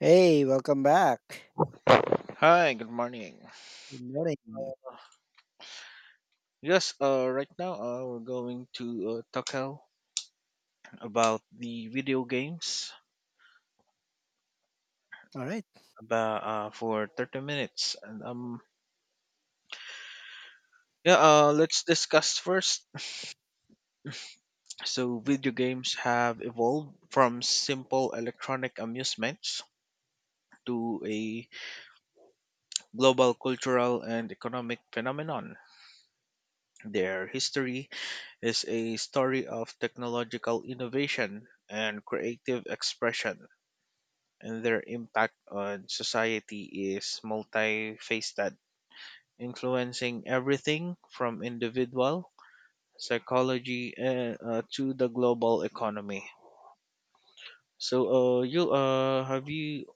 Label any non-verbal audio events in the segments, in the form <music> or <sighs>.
Hey, welcome back. Hi, good morning. Good morning. Yes, right now we're going to talk out about the video games All right. about for 30 minutes. Yeah, let's discuss first. So, video games have evolved from simple electronic amusements to a global cultural and economic phenomenon. Their history is a story of technological innovation and creative expression, and their impact on society is multifaceted, influencing everything from individual psychology to the global economy. So, you have you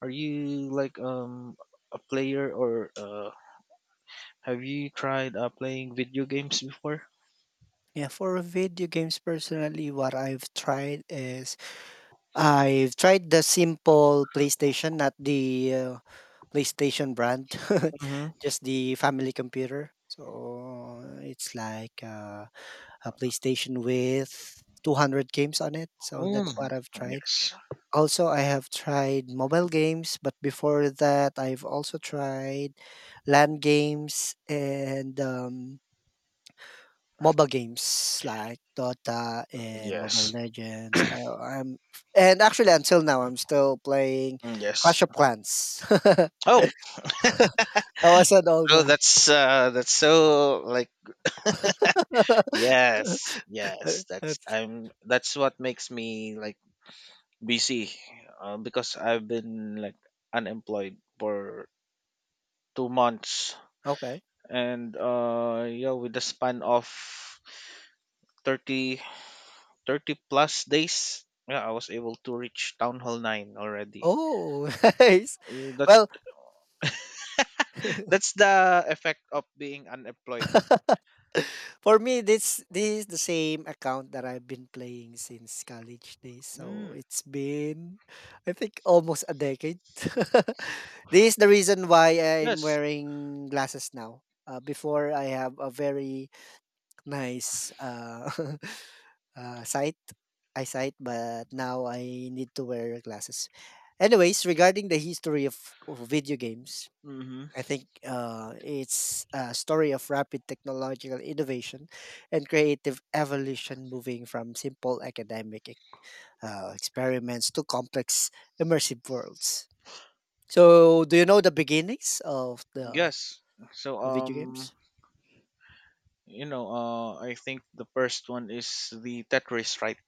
are you like a player, or have you tried playing video games before? Yeah, for video games personally, what I've tried is I've tried the simple PlayStation, not the PlayStation brand, <laughs> Mm-hmm. just the family computer. So it's like a PlayStation with 200 games on it. So that's Mm, what I've tried. yes, Also, I have tried mobile games, but before that, I've also tried LAN games and MOBA games like Dota and Mobile yes. Legends. I, I'm and actually until now, I'm still playing Mm, yes. Clash of Clans. <laughs> That Oh, was an old oh, one. That's so like. <laughs> Yes, yes, That- that's- that's what makes me like busy, because I've been like unemployed for 2 months. okay. And yeah, with the span of 30 30 plus days, yeah, I was able to reach town hall 9 already. Oh, <laughs> nice. Mm, That's Well, <laughs> that's the effect of being unemployed. <laughs> for me, this is the same account that I've been playing since college days. Mm, So it's been, I think, almost a decade. <laughs> This is the reason why I'm yes. wearing glasses now. Before I have a very nice <laughs> sight, eyesight, but now I need to wear glasses. Anyways, regarding the history of, video games, Mm-hmm. I think it's a story of rapid technological innovation and creative evolution, moving from simple academic experiments to complex immersive worlds. So, do you know the beginnings of the Yes. So of video um games? you know, I think the first one is the Tetris, right?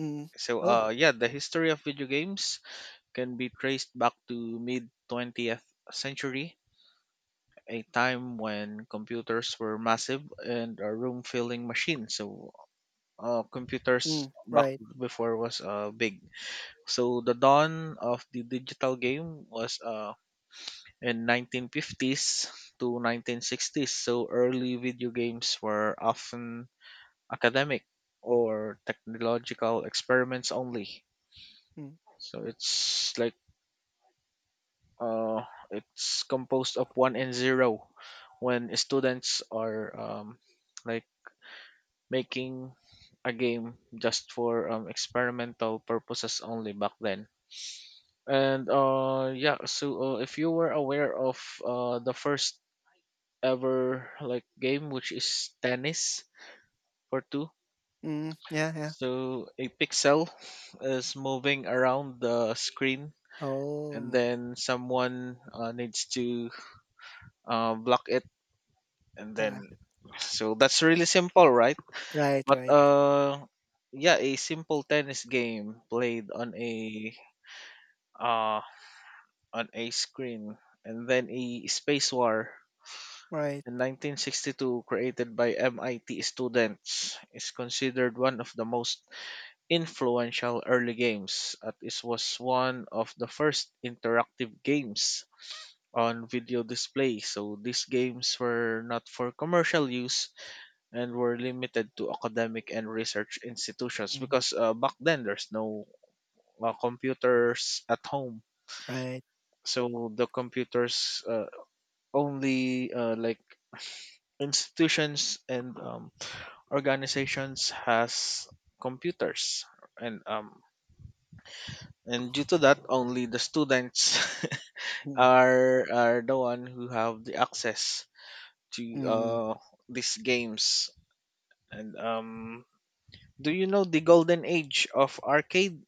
Mm. So Oh, yeah, the history of video games can be traced back to mid 20th century, a time when computers were massive and a room filling machine. So computers mm, back right. before was big. So the dawn of the digital game was in 1950s to 1960s. So early video games were often academic or technological experiments only. Mm, So it's like. Uh, it's composed of one and zero when students are like making a game just for experimental purposes only back then. And yeah, so if you were aware of the first ever like game, which is tennis for two, mm, yeah, yeah. so a pixel is moving around the screen, and Oh, then someone needs to block it, and then yeah. so that's really simple, right? Right, But right, yeah, a simple tennis game played uh on a screen, and then a space war right, in 1962 created by MIT students is considered one of the most influential early games, and it was one of the first interactive games on video display. So these games were not for commercial use and were limited to academic and research institutions, mm, because back then there's no computers at home. right. So the computers only like institutions and organizations has computers, and um and due to that, only the students <laughs> Mm, are the one who have the access to mm. These games. And do you know the golden age of arcade?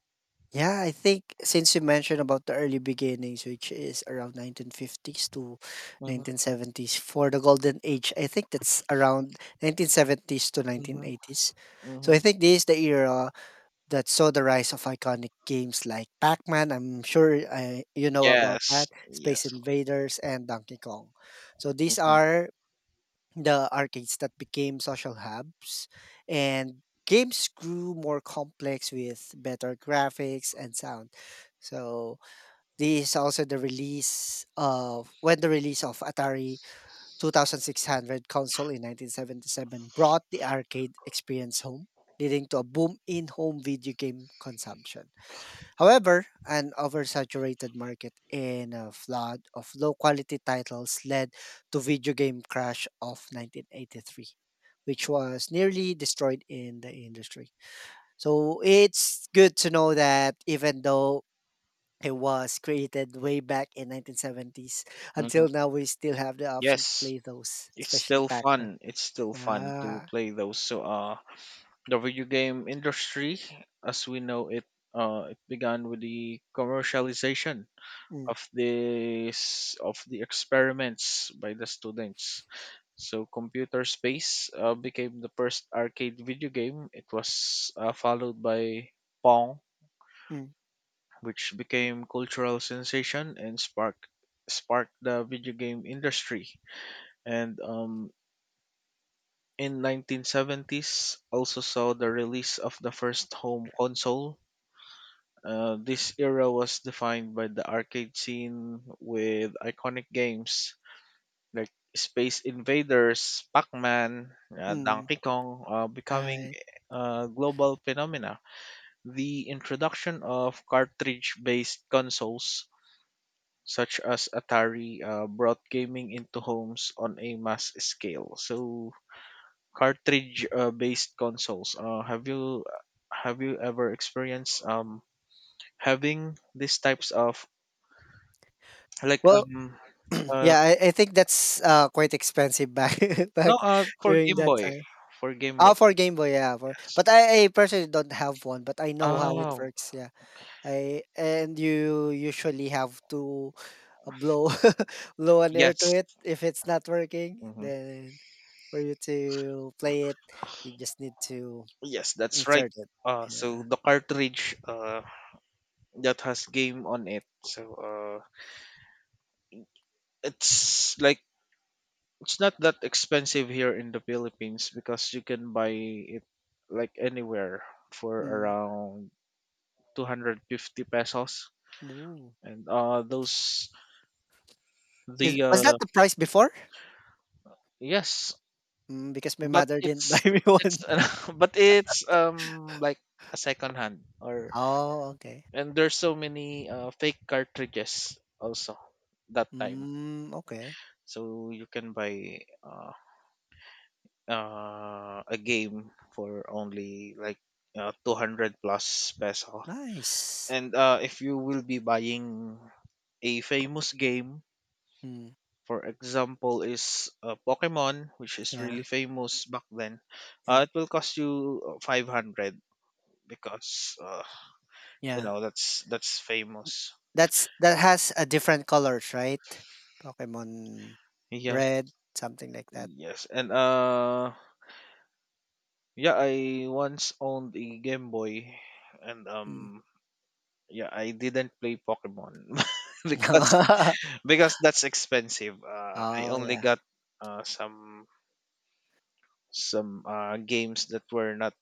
Yeah, I think since you mentioned about the early beginnings, which is around 1950s to 1970s for the golden age, I think that's around 1970s to Mhm, 1980s. So I mhm. think this is the era that saw the rise of iconic games like Pac-Man. I'm sure you know about Yes, that, Space yes. Invaders, and Donkey Kong. So these Mhm, are the arcades that became social hubs, and games grew more complex with better graphics and sound. So this is also the release of Atari 2600 console in 1977 brought the arcade experience home, leading to a boom in home video game consumption. However, an oversaturated market and a flood of low quality titles led to video game crash of 1983, which was nearly destroyed in the industry. So it's good to know that even though it was created way back in 1970s, mhm. until now we still have the option to Yes. play those, It's especially still Pac-Man. fun. It's still fun to Ah. play those. So, the video game industry, as we know it, it began with the commercialization Mm, of this of the experiments by the students. So, Computer Space became the first arcade video game. It was followed by Pong, mm, which became cultural sensation and sparked the video game industry. And in 1970s, also saw the release of the first home console. This era was defined by the arcade scene with iconic games like Space Invaders, Pac-Man, mm. Donkey Kong, becoming Uh, a global phenomena. The introduction of cartridge-based consoles such as Atari, brought gaming into homes on a mass scale. So cartridge based consoles. Have you ever experienced having these types of like well, <clears throat> uh yeah, I think that's quite expensive back <laughs> no, back for during Game that Boy, time. for Game Oh, Boy. for Game Boy, yeah. For Yes. But I personally don't have one, but I know how it Oh. works. Yeah. I and you usually have to blow <laughs> blow an air to Yes. it if it's not working. Hmm. Then for you to play it, you just need to Yes, that's right. insert it. So Yeah. the cartridge that has game on it, so it's like it's not that expensive here in the Philippines, because you can buy it like anywhere for Mm. around 250 pesos. Ooh. And those Is the was that the price before? yes, Mm, because my but mother didn't <laughs> buy it's me it's one. <laughs> but it's like a second hand, or Oh, okay. and there's so many fake cartridges also that time. Mm, okay. So you can buy a game for only like 200 plus peso. Nice. And if you will be buying a famous game, Mm, for example, is Pokemon, which is yeah, really famous back then, yeah, it will cost you 500, because you yeah. know, that's famous. That has a different colors, right? Pokemon Yes, Red, something like that. yes, and yeah, I once owned a Game Boy, and Mm. Yeah, I didn't play Pokemon <laughs> because <laughs> because that's expensive. I Oh only yeah. got uh, some some games that were not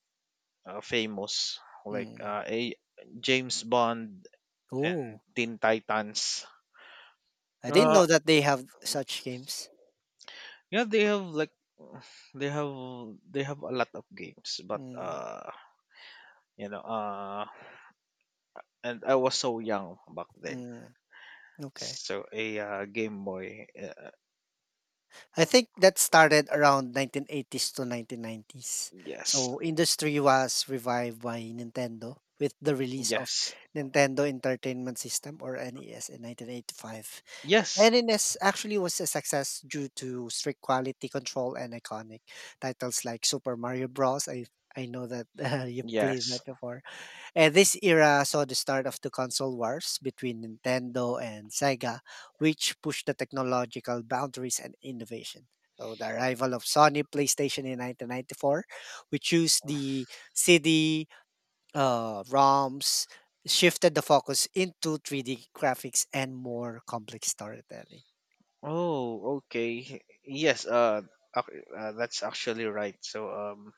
famous, like Mm. A James Bond and Oh, Teen Titans. I didn't Uh, know that they have such games. yeah, they have like they have they have a lot of games, but Mm, you know, uh, and I was so young back then. mm, okay. So a Game Boy, I think that started around 1980s to 1990s. yes, So industry was revived by Nintendo with the release of yes, Nintendo Entertainment System or NES in 1985. yes, Leninist actually was a success due to strict quality control and iconic titles like Super Mario Bros. I know that <laughs> you played yes. that before. And this era saw the start of the console wars between Nintendo and Sega, which pushed the technological boundaries and innovation. So the arrival of Sony PlayStation in 1994, which used the CD ROMs, shifted the focus into 3D graphics and more complex storytelling. Oh, okay. Yes, that's actually right.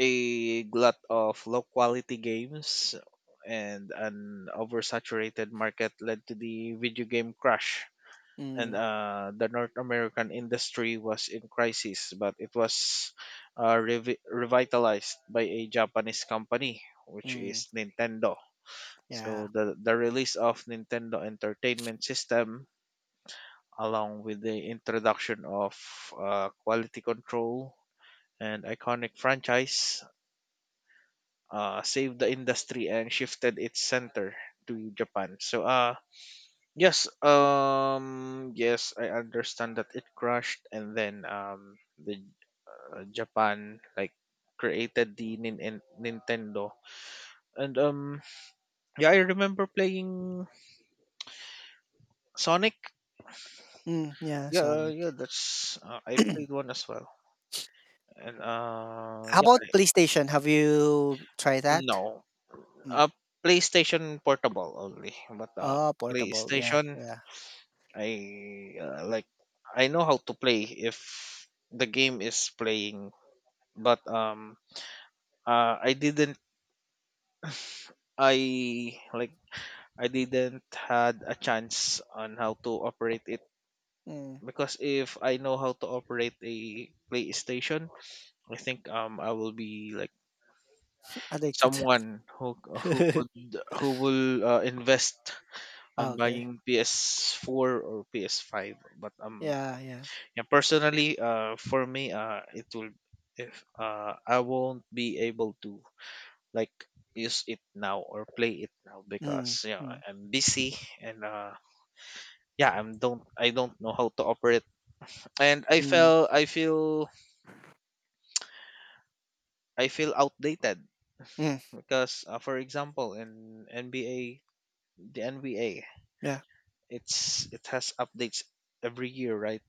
A glut of low quality games and an oversaturated market led to the video game crash, and Mm, the North American industry was in crisis, but it was revitalized by a Japanese company, which mm, is Nintendo. So yeah. the release of Nintendo Entertainment System, along with the introduction of quality control and iconic franchise, saved the industry and shifted its center to Japan. So, yes, yes, I understand that it crashed, and then the Japan like created the Nintendo, and yeah, I remember playing Sonic. Mm, yeah, Yeah, yeah, Sonic. that's I played one <clears throat> as well, and How about PlayStation? Have you tried that? no, Mm. uh, PlayStation Portable only, but Oh, portable. Yeah, PlayStation. yeah. I like I know how to play if the game is playing, but I didn't, I like I didn't had a chance on how to operate it, Mm, because if I know how to operate a PlayStation, I think I will be like addicted. someone who <laughs> could, who will invest on Okay. buying PS4 or PS5, but Yeah, yeah. yeah, personally, for me, it will, if I won't be able to like use it now or play it now, Mm, because you know mm, I'm busy. And yeah, I don't know how to operate, and mm, I feel outdated, mm, because for example, in NBA, yeah. it's it has updates every year, right?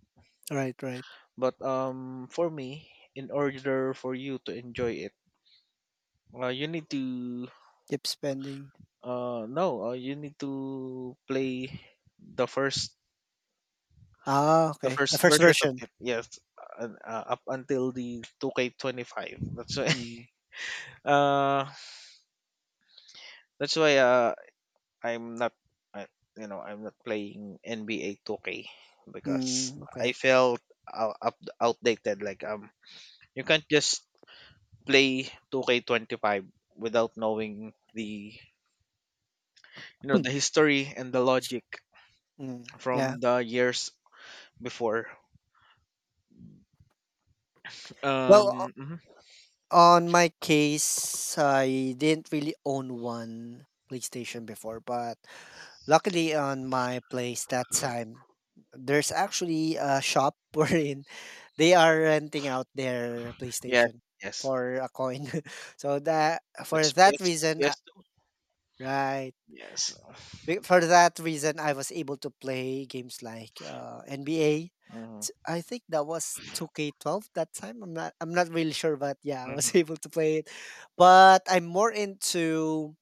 Right, right. But for me, in order for you to enjoy it, you need to. Keep spending. No, you need to play the first Ah, the okay. The first first version of version. it. Yes, up until the 2K25. That's why. <laughs> Mm, Uh, that's why. I'm not. I, you know, I'm not playing NBA 2K because mm, I okay. felt outdated. Like you can't just play 2K25 without knowing the you know the history and the logic Mm, yeah. from the years before. Well, Um. mhm. on my case, I didn't really own one PlayStation before, but luckily on my place that time, there's actually a shop <laughs> wherein they are renting out their Yes, PlayStation yes. for a coin. <laughs> So that for That's that PS reason, PS2. right? Yes. For that reason, I was able to play games like NBA. hmm I think that was 2K12 that time. I'm not really sure, but yeah, I was <laughs> hmm able to play it. But I'm more into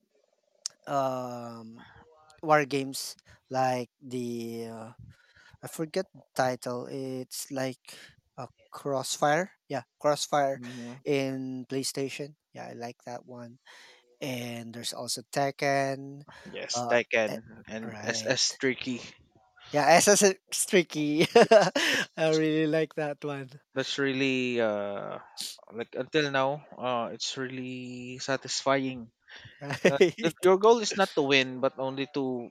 um war games like the I forget the title. It's like a Crossfire. Yeah, Crossfire hmm in PlayStation. Yeah, I like that one. And there's also Tekken. Yes, Uh, eh, Tekken and SS right. Tricky. Yeah, SS is tricky. <laughs> Yes, I really like that one. <laughs> that's really like until now it's really satisfying. Right. Your goal is not to win, but only to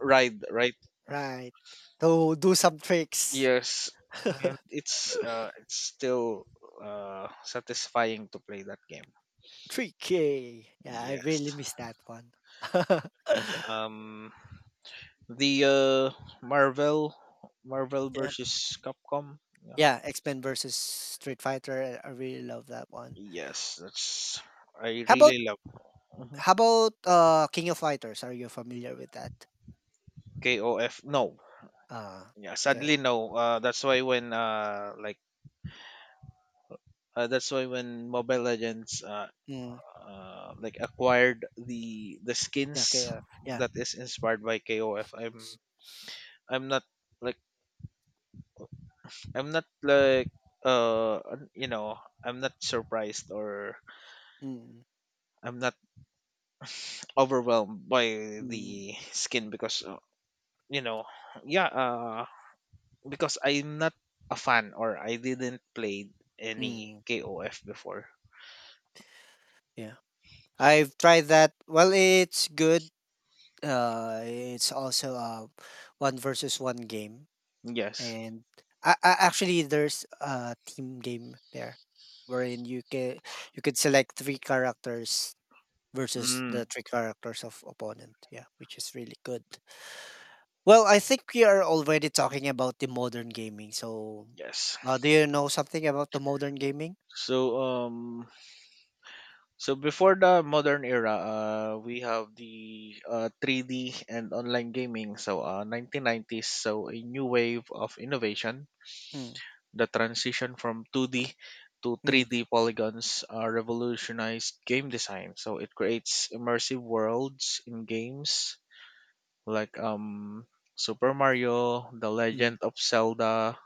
ride, right? Right. So do some tricks. Yes, <laughs> and it's still satisfying to play that game. Tricky. Yeah, I Yes, really miss that one. <laughs> and The uh, Marvel, Marvel Yeah. versus Capcom. Yeah. Yeah, X-Men versus Street Fighter. I really love that one. Yes, that's I How about really love. Mhm. how about King of Fighters? Are you familiar with that? KOF. No, Uh yeah, okay. sadly no. That's why when Mobile Legends Mm, like acquired the yeah, skins KF. Yeah. that is inspired by KOF. I'm not like I'm not like you know, I'm not surprised, or Mm, I'm not overwhelmed by mm, the skin, because you know yeah uh I'm not a fan, or I didn't play any mm, KOF before. yeah. I've tried that. Well, it's good. It's also a one versus one game, Yes. and I actually there's a team game there, wherein you could select three characters versus the Mm, three characters of opponent. Yeah, which is really good. Well, I think we are already talking about the modern gaming. So, yes. Do you know something about the modern gaming? so um before the modern era, we have the 3D and online gaming. So 1990s, so a new wave of innovation. Hmm. The transition from 2D to Mm, 3D polygons revolutionized game design. So it creates immersive worlds in games like Super Mario, The mm, Legend of Zelda.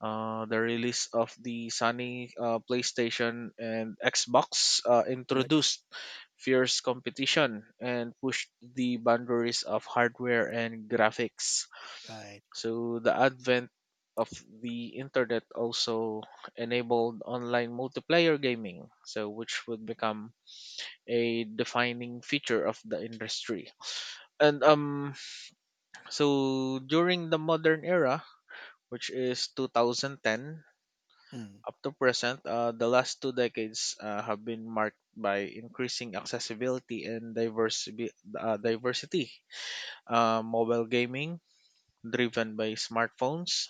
The release of the Sony PlayStation and Xbox right, introduced fierce competition and pushed the boundaries of hardware and graphics. right. So the advent of the internet also enabled online multiplayer gaming, so which would become a defining feature of the industry. And so during the modern era, which is 2010 Mm, up to present, the last two decades have been marked by increasing accessibility and diversity. Mobile gaming driven by smartphones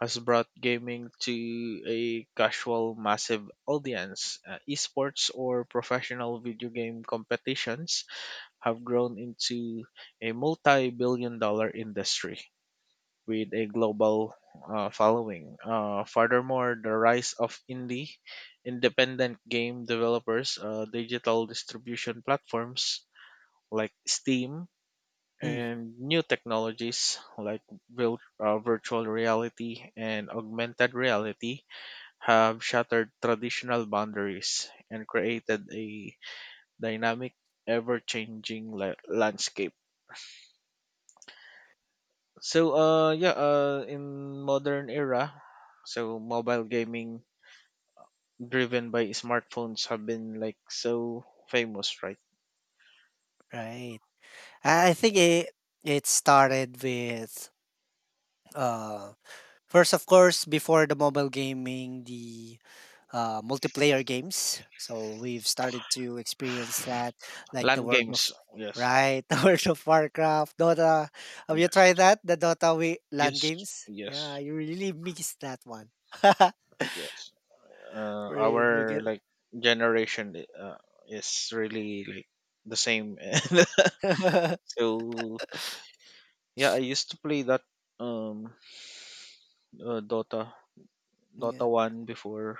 has brought gaming to a casual massive audience. Esports, or professional video game competitions, have grown into a multi-billion-dollar industry with a global following. Furthermore, the rise of indie independent game developers, digital distribution platforms like Steam, mm, and new technologies like virtual reality and augmented reality have shattered traditional boundaries and created a dynamic, ever-changing landscape. So in modern era, so mobile gaming driven by smartphones have been, like, so famous, right? right. I think it started with uh first of course before the mobile gaming, the multiplayer games. So we've started to experience that, like the Land World of games. Yes. right, <laughs> the World of Warcraft, Dota. Have you Yes. tried that? The Dota we LAN Yes. games? Yeah, Yes. you really missed that one. <laughs> Yes. Wherein you Our, get like, generation, is really like the same. <laughs> <laughs> So, yeah, I used to play that. um uh, dota dota yeah. 1 before.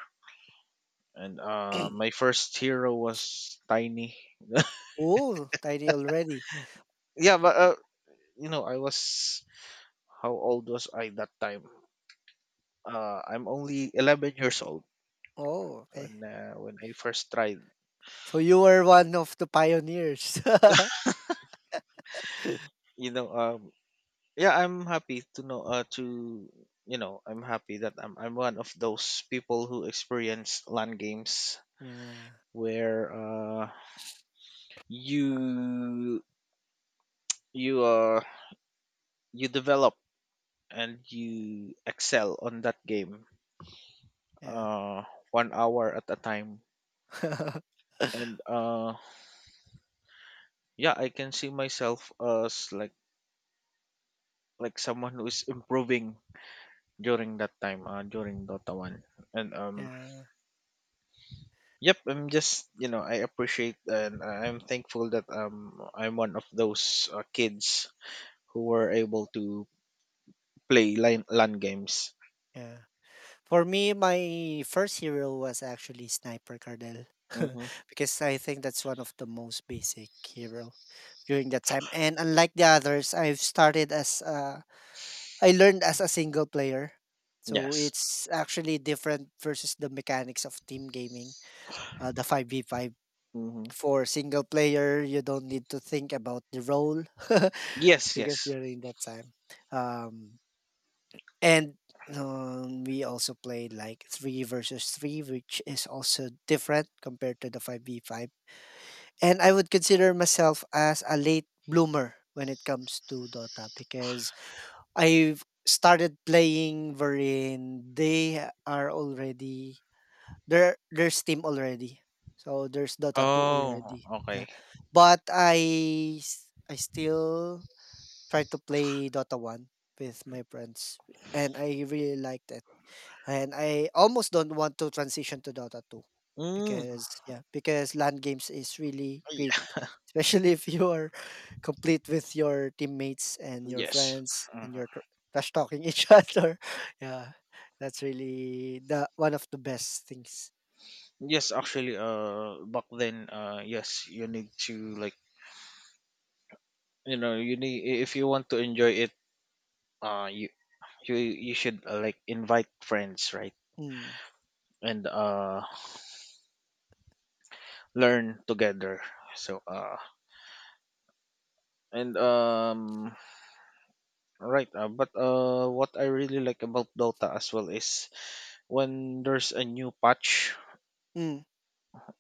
And my first hero was Tiny. <laughs> Oh, tiny already. Yeah, but I was how old was I that time? I'm only 11 years old Oh, okay. when I first tried. So you were one of the pioneers. <laughs> you know um yeah I'm happy to know to I'm happy that I'm one of those people who experience land games, Yeah. where you you uh you develop and you excel on that game Yeah. uh one hour at a time. <laughs> And yeah, I can see myself as, like, someone who is improving during that time, during Dota 1. And Yeah. yep, I'm just, I appreciate, and I'm thankful that I'm one of those kids who were able to play LAN games. Yeah. For me, my first hero was actually Sniper Cardell. <laughs> Mm-hmm. Because I think that's one of the most basic hero during that time. And unlike the others, I've started as I learned as a single player. So Yes. it's actually different versus the mechanics of team gaming, the 5v5. Mm-hmm. For single player, you don't need to think about the role <laughs> Yes. because Yes. during that time, um, and we also played like three versus three, which is also different compared to the 5v5. And I would consider myself as a late bloomer when it comes to Dota because I've started playing wherein they are already there's Steam already. So there's Dota 2 Oh. already. Okay. Yeah. But I still try to play Dota 1 with my friends and I really liked it. And I almost don't want to transition to Dota 2 Mm. because yeah, because LAN games is really great, <laughs> Yeah. especially if you are <laughs> complete with your teammates and your Yes. friends Mhm. and you're trash talking each <laughs> other. Yeah. That's really the one of the best things. Yes. Actually, back then, yes, you need to, if you want to enjoy it, uh, you you should, like, invite friends, right? Mm. And learn together. So uh and um, right. But what I really like about Dota as well is when there's a new patch Mm,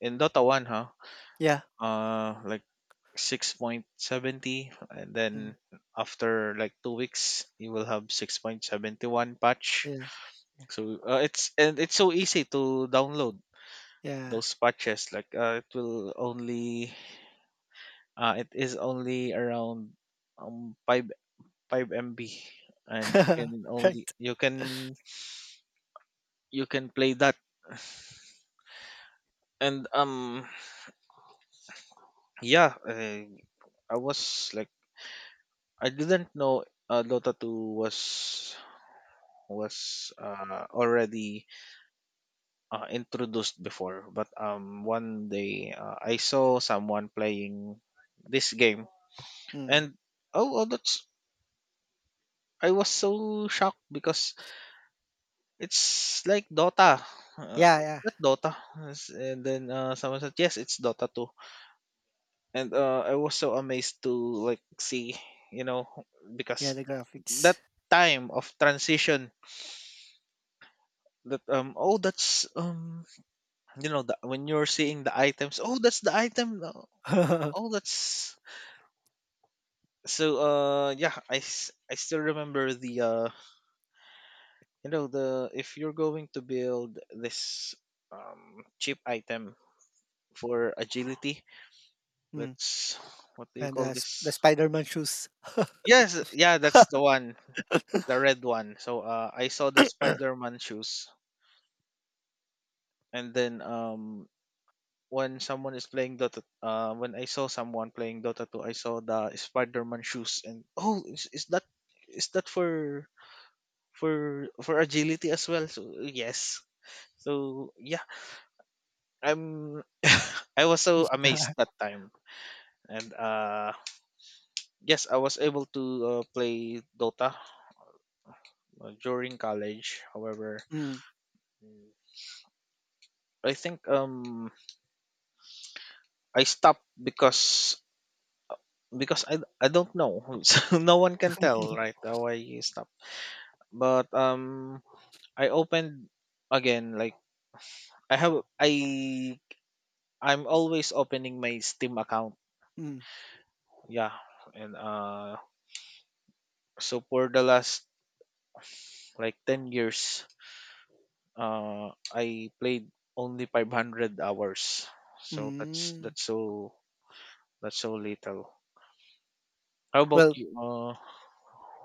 in Dota 1, huh? yeah. Like 6.70, and then Mm, after, like, 2 weeks, you will have 6.71 patch. yeah. Yeah. So it's so easy to download Yeah. those patches, like, it is only around um, 5 5 MB, and you <laughs> can Right. only, you can play that. And yeah, I was like, I didn't know Dota 2 was already introduced before. But one day I saw someone playing this game. Mm. And oh, oh that's I was so shocked because it's like Dota. Yeah, Is yeah. that Dota? Yes. And then someone said, yes, it's Dota 2. And I was so amazed to, like, see, you know, Yeah, because the that graphics. time of transition, that, oh, that's, you know, when you're seeing the items, oh, that's the item. Oh, <laughs> that's. So yeah, I still remember the, you know, the, if you're going to build this cheap item for agility, Mm. let's, what do you And call the this? Spider-Man shoes. <laughs> Yes, yeah, that's the one, the red one. So I saw the Spider-Man shoes, and then, when I saw someone playing Dota 2, I saw the Spider-Man shoes, and, oh, is that, for agility as well? So, yes. So, yeah, I'm. <laughs> I was so amazed Yeah. that time, and yes, I was able to play Dota during college. However, Mm. I think I stopped because, I don't know. <laughs> So no one can tell, right, how I stopped. But I opened again, like, I have I I'm always opening my Steam account. Mm. Yeah. And so for the last, like, 10 years, I played only 500 hours. So Mm. That's so little. How about Well, you?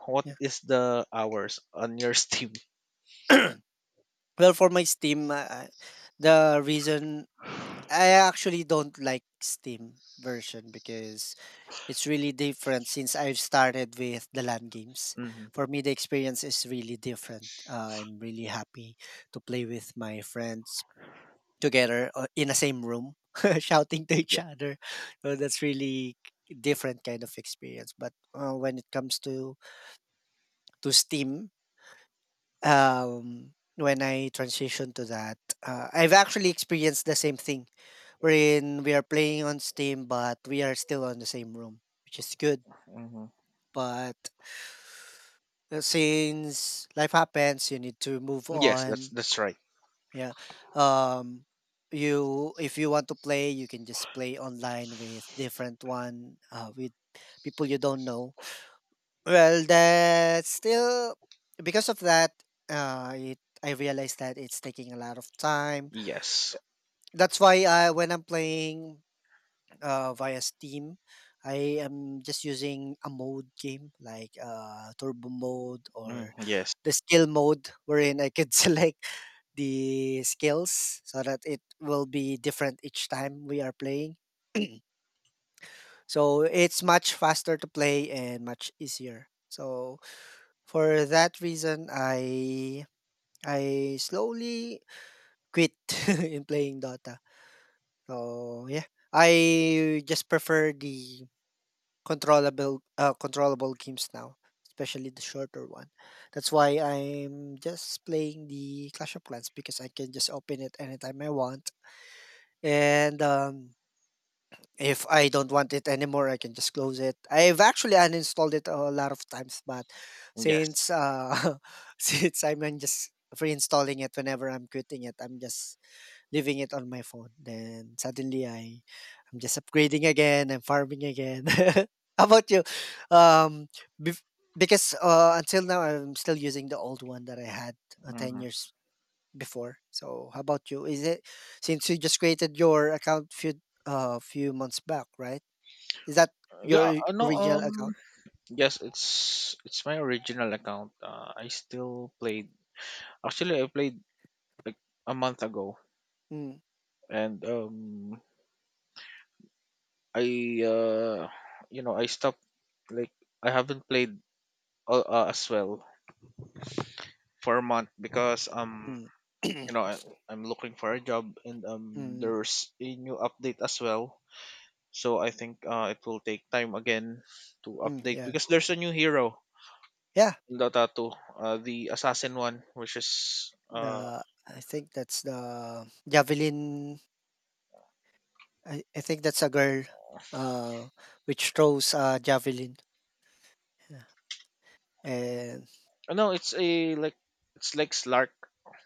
What yeah. is the hours on your <laughs> Steam? Well, for my Steam, the reason <sighs> I actually don't like Steam version because it's really different since I've started with the LAN games. Mhm. For me, the experience is really different. I'm really happy to play with my friends together in the same room, <laughs> shouting to each other. So that's really different kind of experience. But when it comes to Steam, when I transition to that, I've actually experienced the same thing, wherein we are playing on Steam, but we are still on the same room, which is good. Yeah. But since life happens, you need to move Yes, that's on. that's right. Yeah. Um you, if you want to play, you can just play online with different one with people you don't know. Well, that's still because of that it I realized that it's taking a lot of time. Yes. That's why I when I'm playing via Steam, I am just using a mode game like turbo mode Mm, or yes. the skill mode wherein I could <laughs> select the skills so that it will be different each time we are playing. <clears throat> So it's much faster to play and much easier. So for that reason I slowly quit <laughs> in playing Dota. So yeah. I just prefer the controllable games now, especially the shorter one. That's why I'm just playing the Clash of Clans because I can just open it anytime I want. And if I don't want it anymore, I can just close it. I've actually uninstalled it a lot of times, but Yes. since <laughs> since I'm in just reinstalling it whenever I'm quitting it, I'm just leaving it on my phone. Then suddenly I'm just upgrading again, I'm farming again. <laughs> How about you? Um bef- because until now I'm still using the old one that I had 10 Hmm. years before. So how about you? Is it since you just created your account few months back, right? Is that your Yeah. No. original account? Yes. It's my original account. I still played. Actually, I played like a month ago, Mm, and I uh, you know, I stopped. Like, I haven't played as well for a month because, mm. you know, <clears throat> I'm looking for a job, and Mm, there's a new update as well. So I think it will take time again to mm, update yeah. because there's a new hero Yeah, in Dota 2, the assassin one, which is The I think that's the javelin. I think that's a girl, uh, which throws a javelin. Yeah. And oh, no, it's a, like, it's like Slark,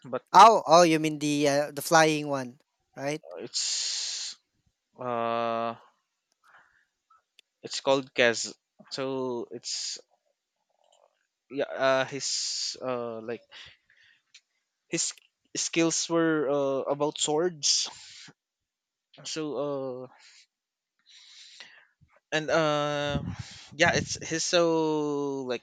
but Oh, oh, you mean the flying one, right? it's uh it's called Kaz. So it's, yeah, his, like, his skills were about swords. So uh and uh, yeah, it's his so like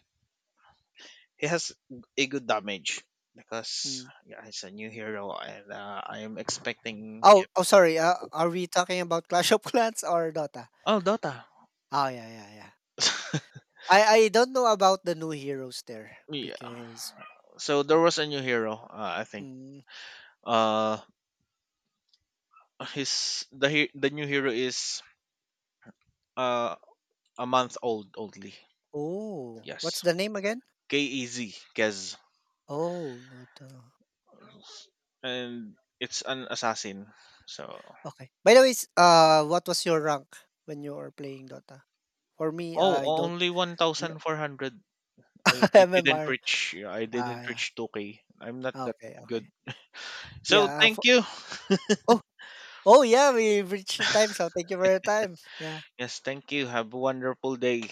he has a good damage because, Mm. yeah, he's a new hero. And I am expecting. Oh, oh, sorry. Are we talking about Clash of Clans or Dota? Oh, Dota. Oh, yeah, yeah, yeah. <laughs> I don't know about the new heroes there Yeah, because. so there was a new hero. I think Mm, uh the new hero is uh a month old only. oh, what's Yes, the name again? K E Z, Kez, Oh, Dota. and it's an assassin. So. Okay. By the way, s what was your rank when you were playing Dota? For me, I Oh, don't only one I'm not thousand four hundred. I, <laughs> I didn't MMR. reach, yeah, I Ah, didn't yeah. reach 2K. I'm not that Okay, good. okay. So Yeah, thank for you. oh, oh yeah, we reached the time, so thank you for your time. Yeah. Yes, thank you. Have a wonderful day.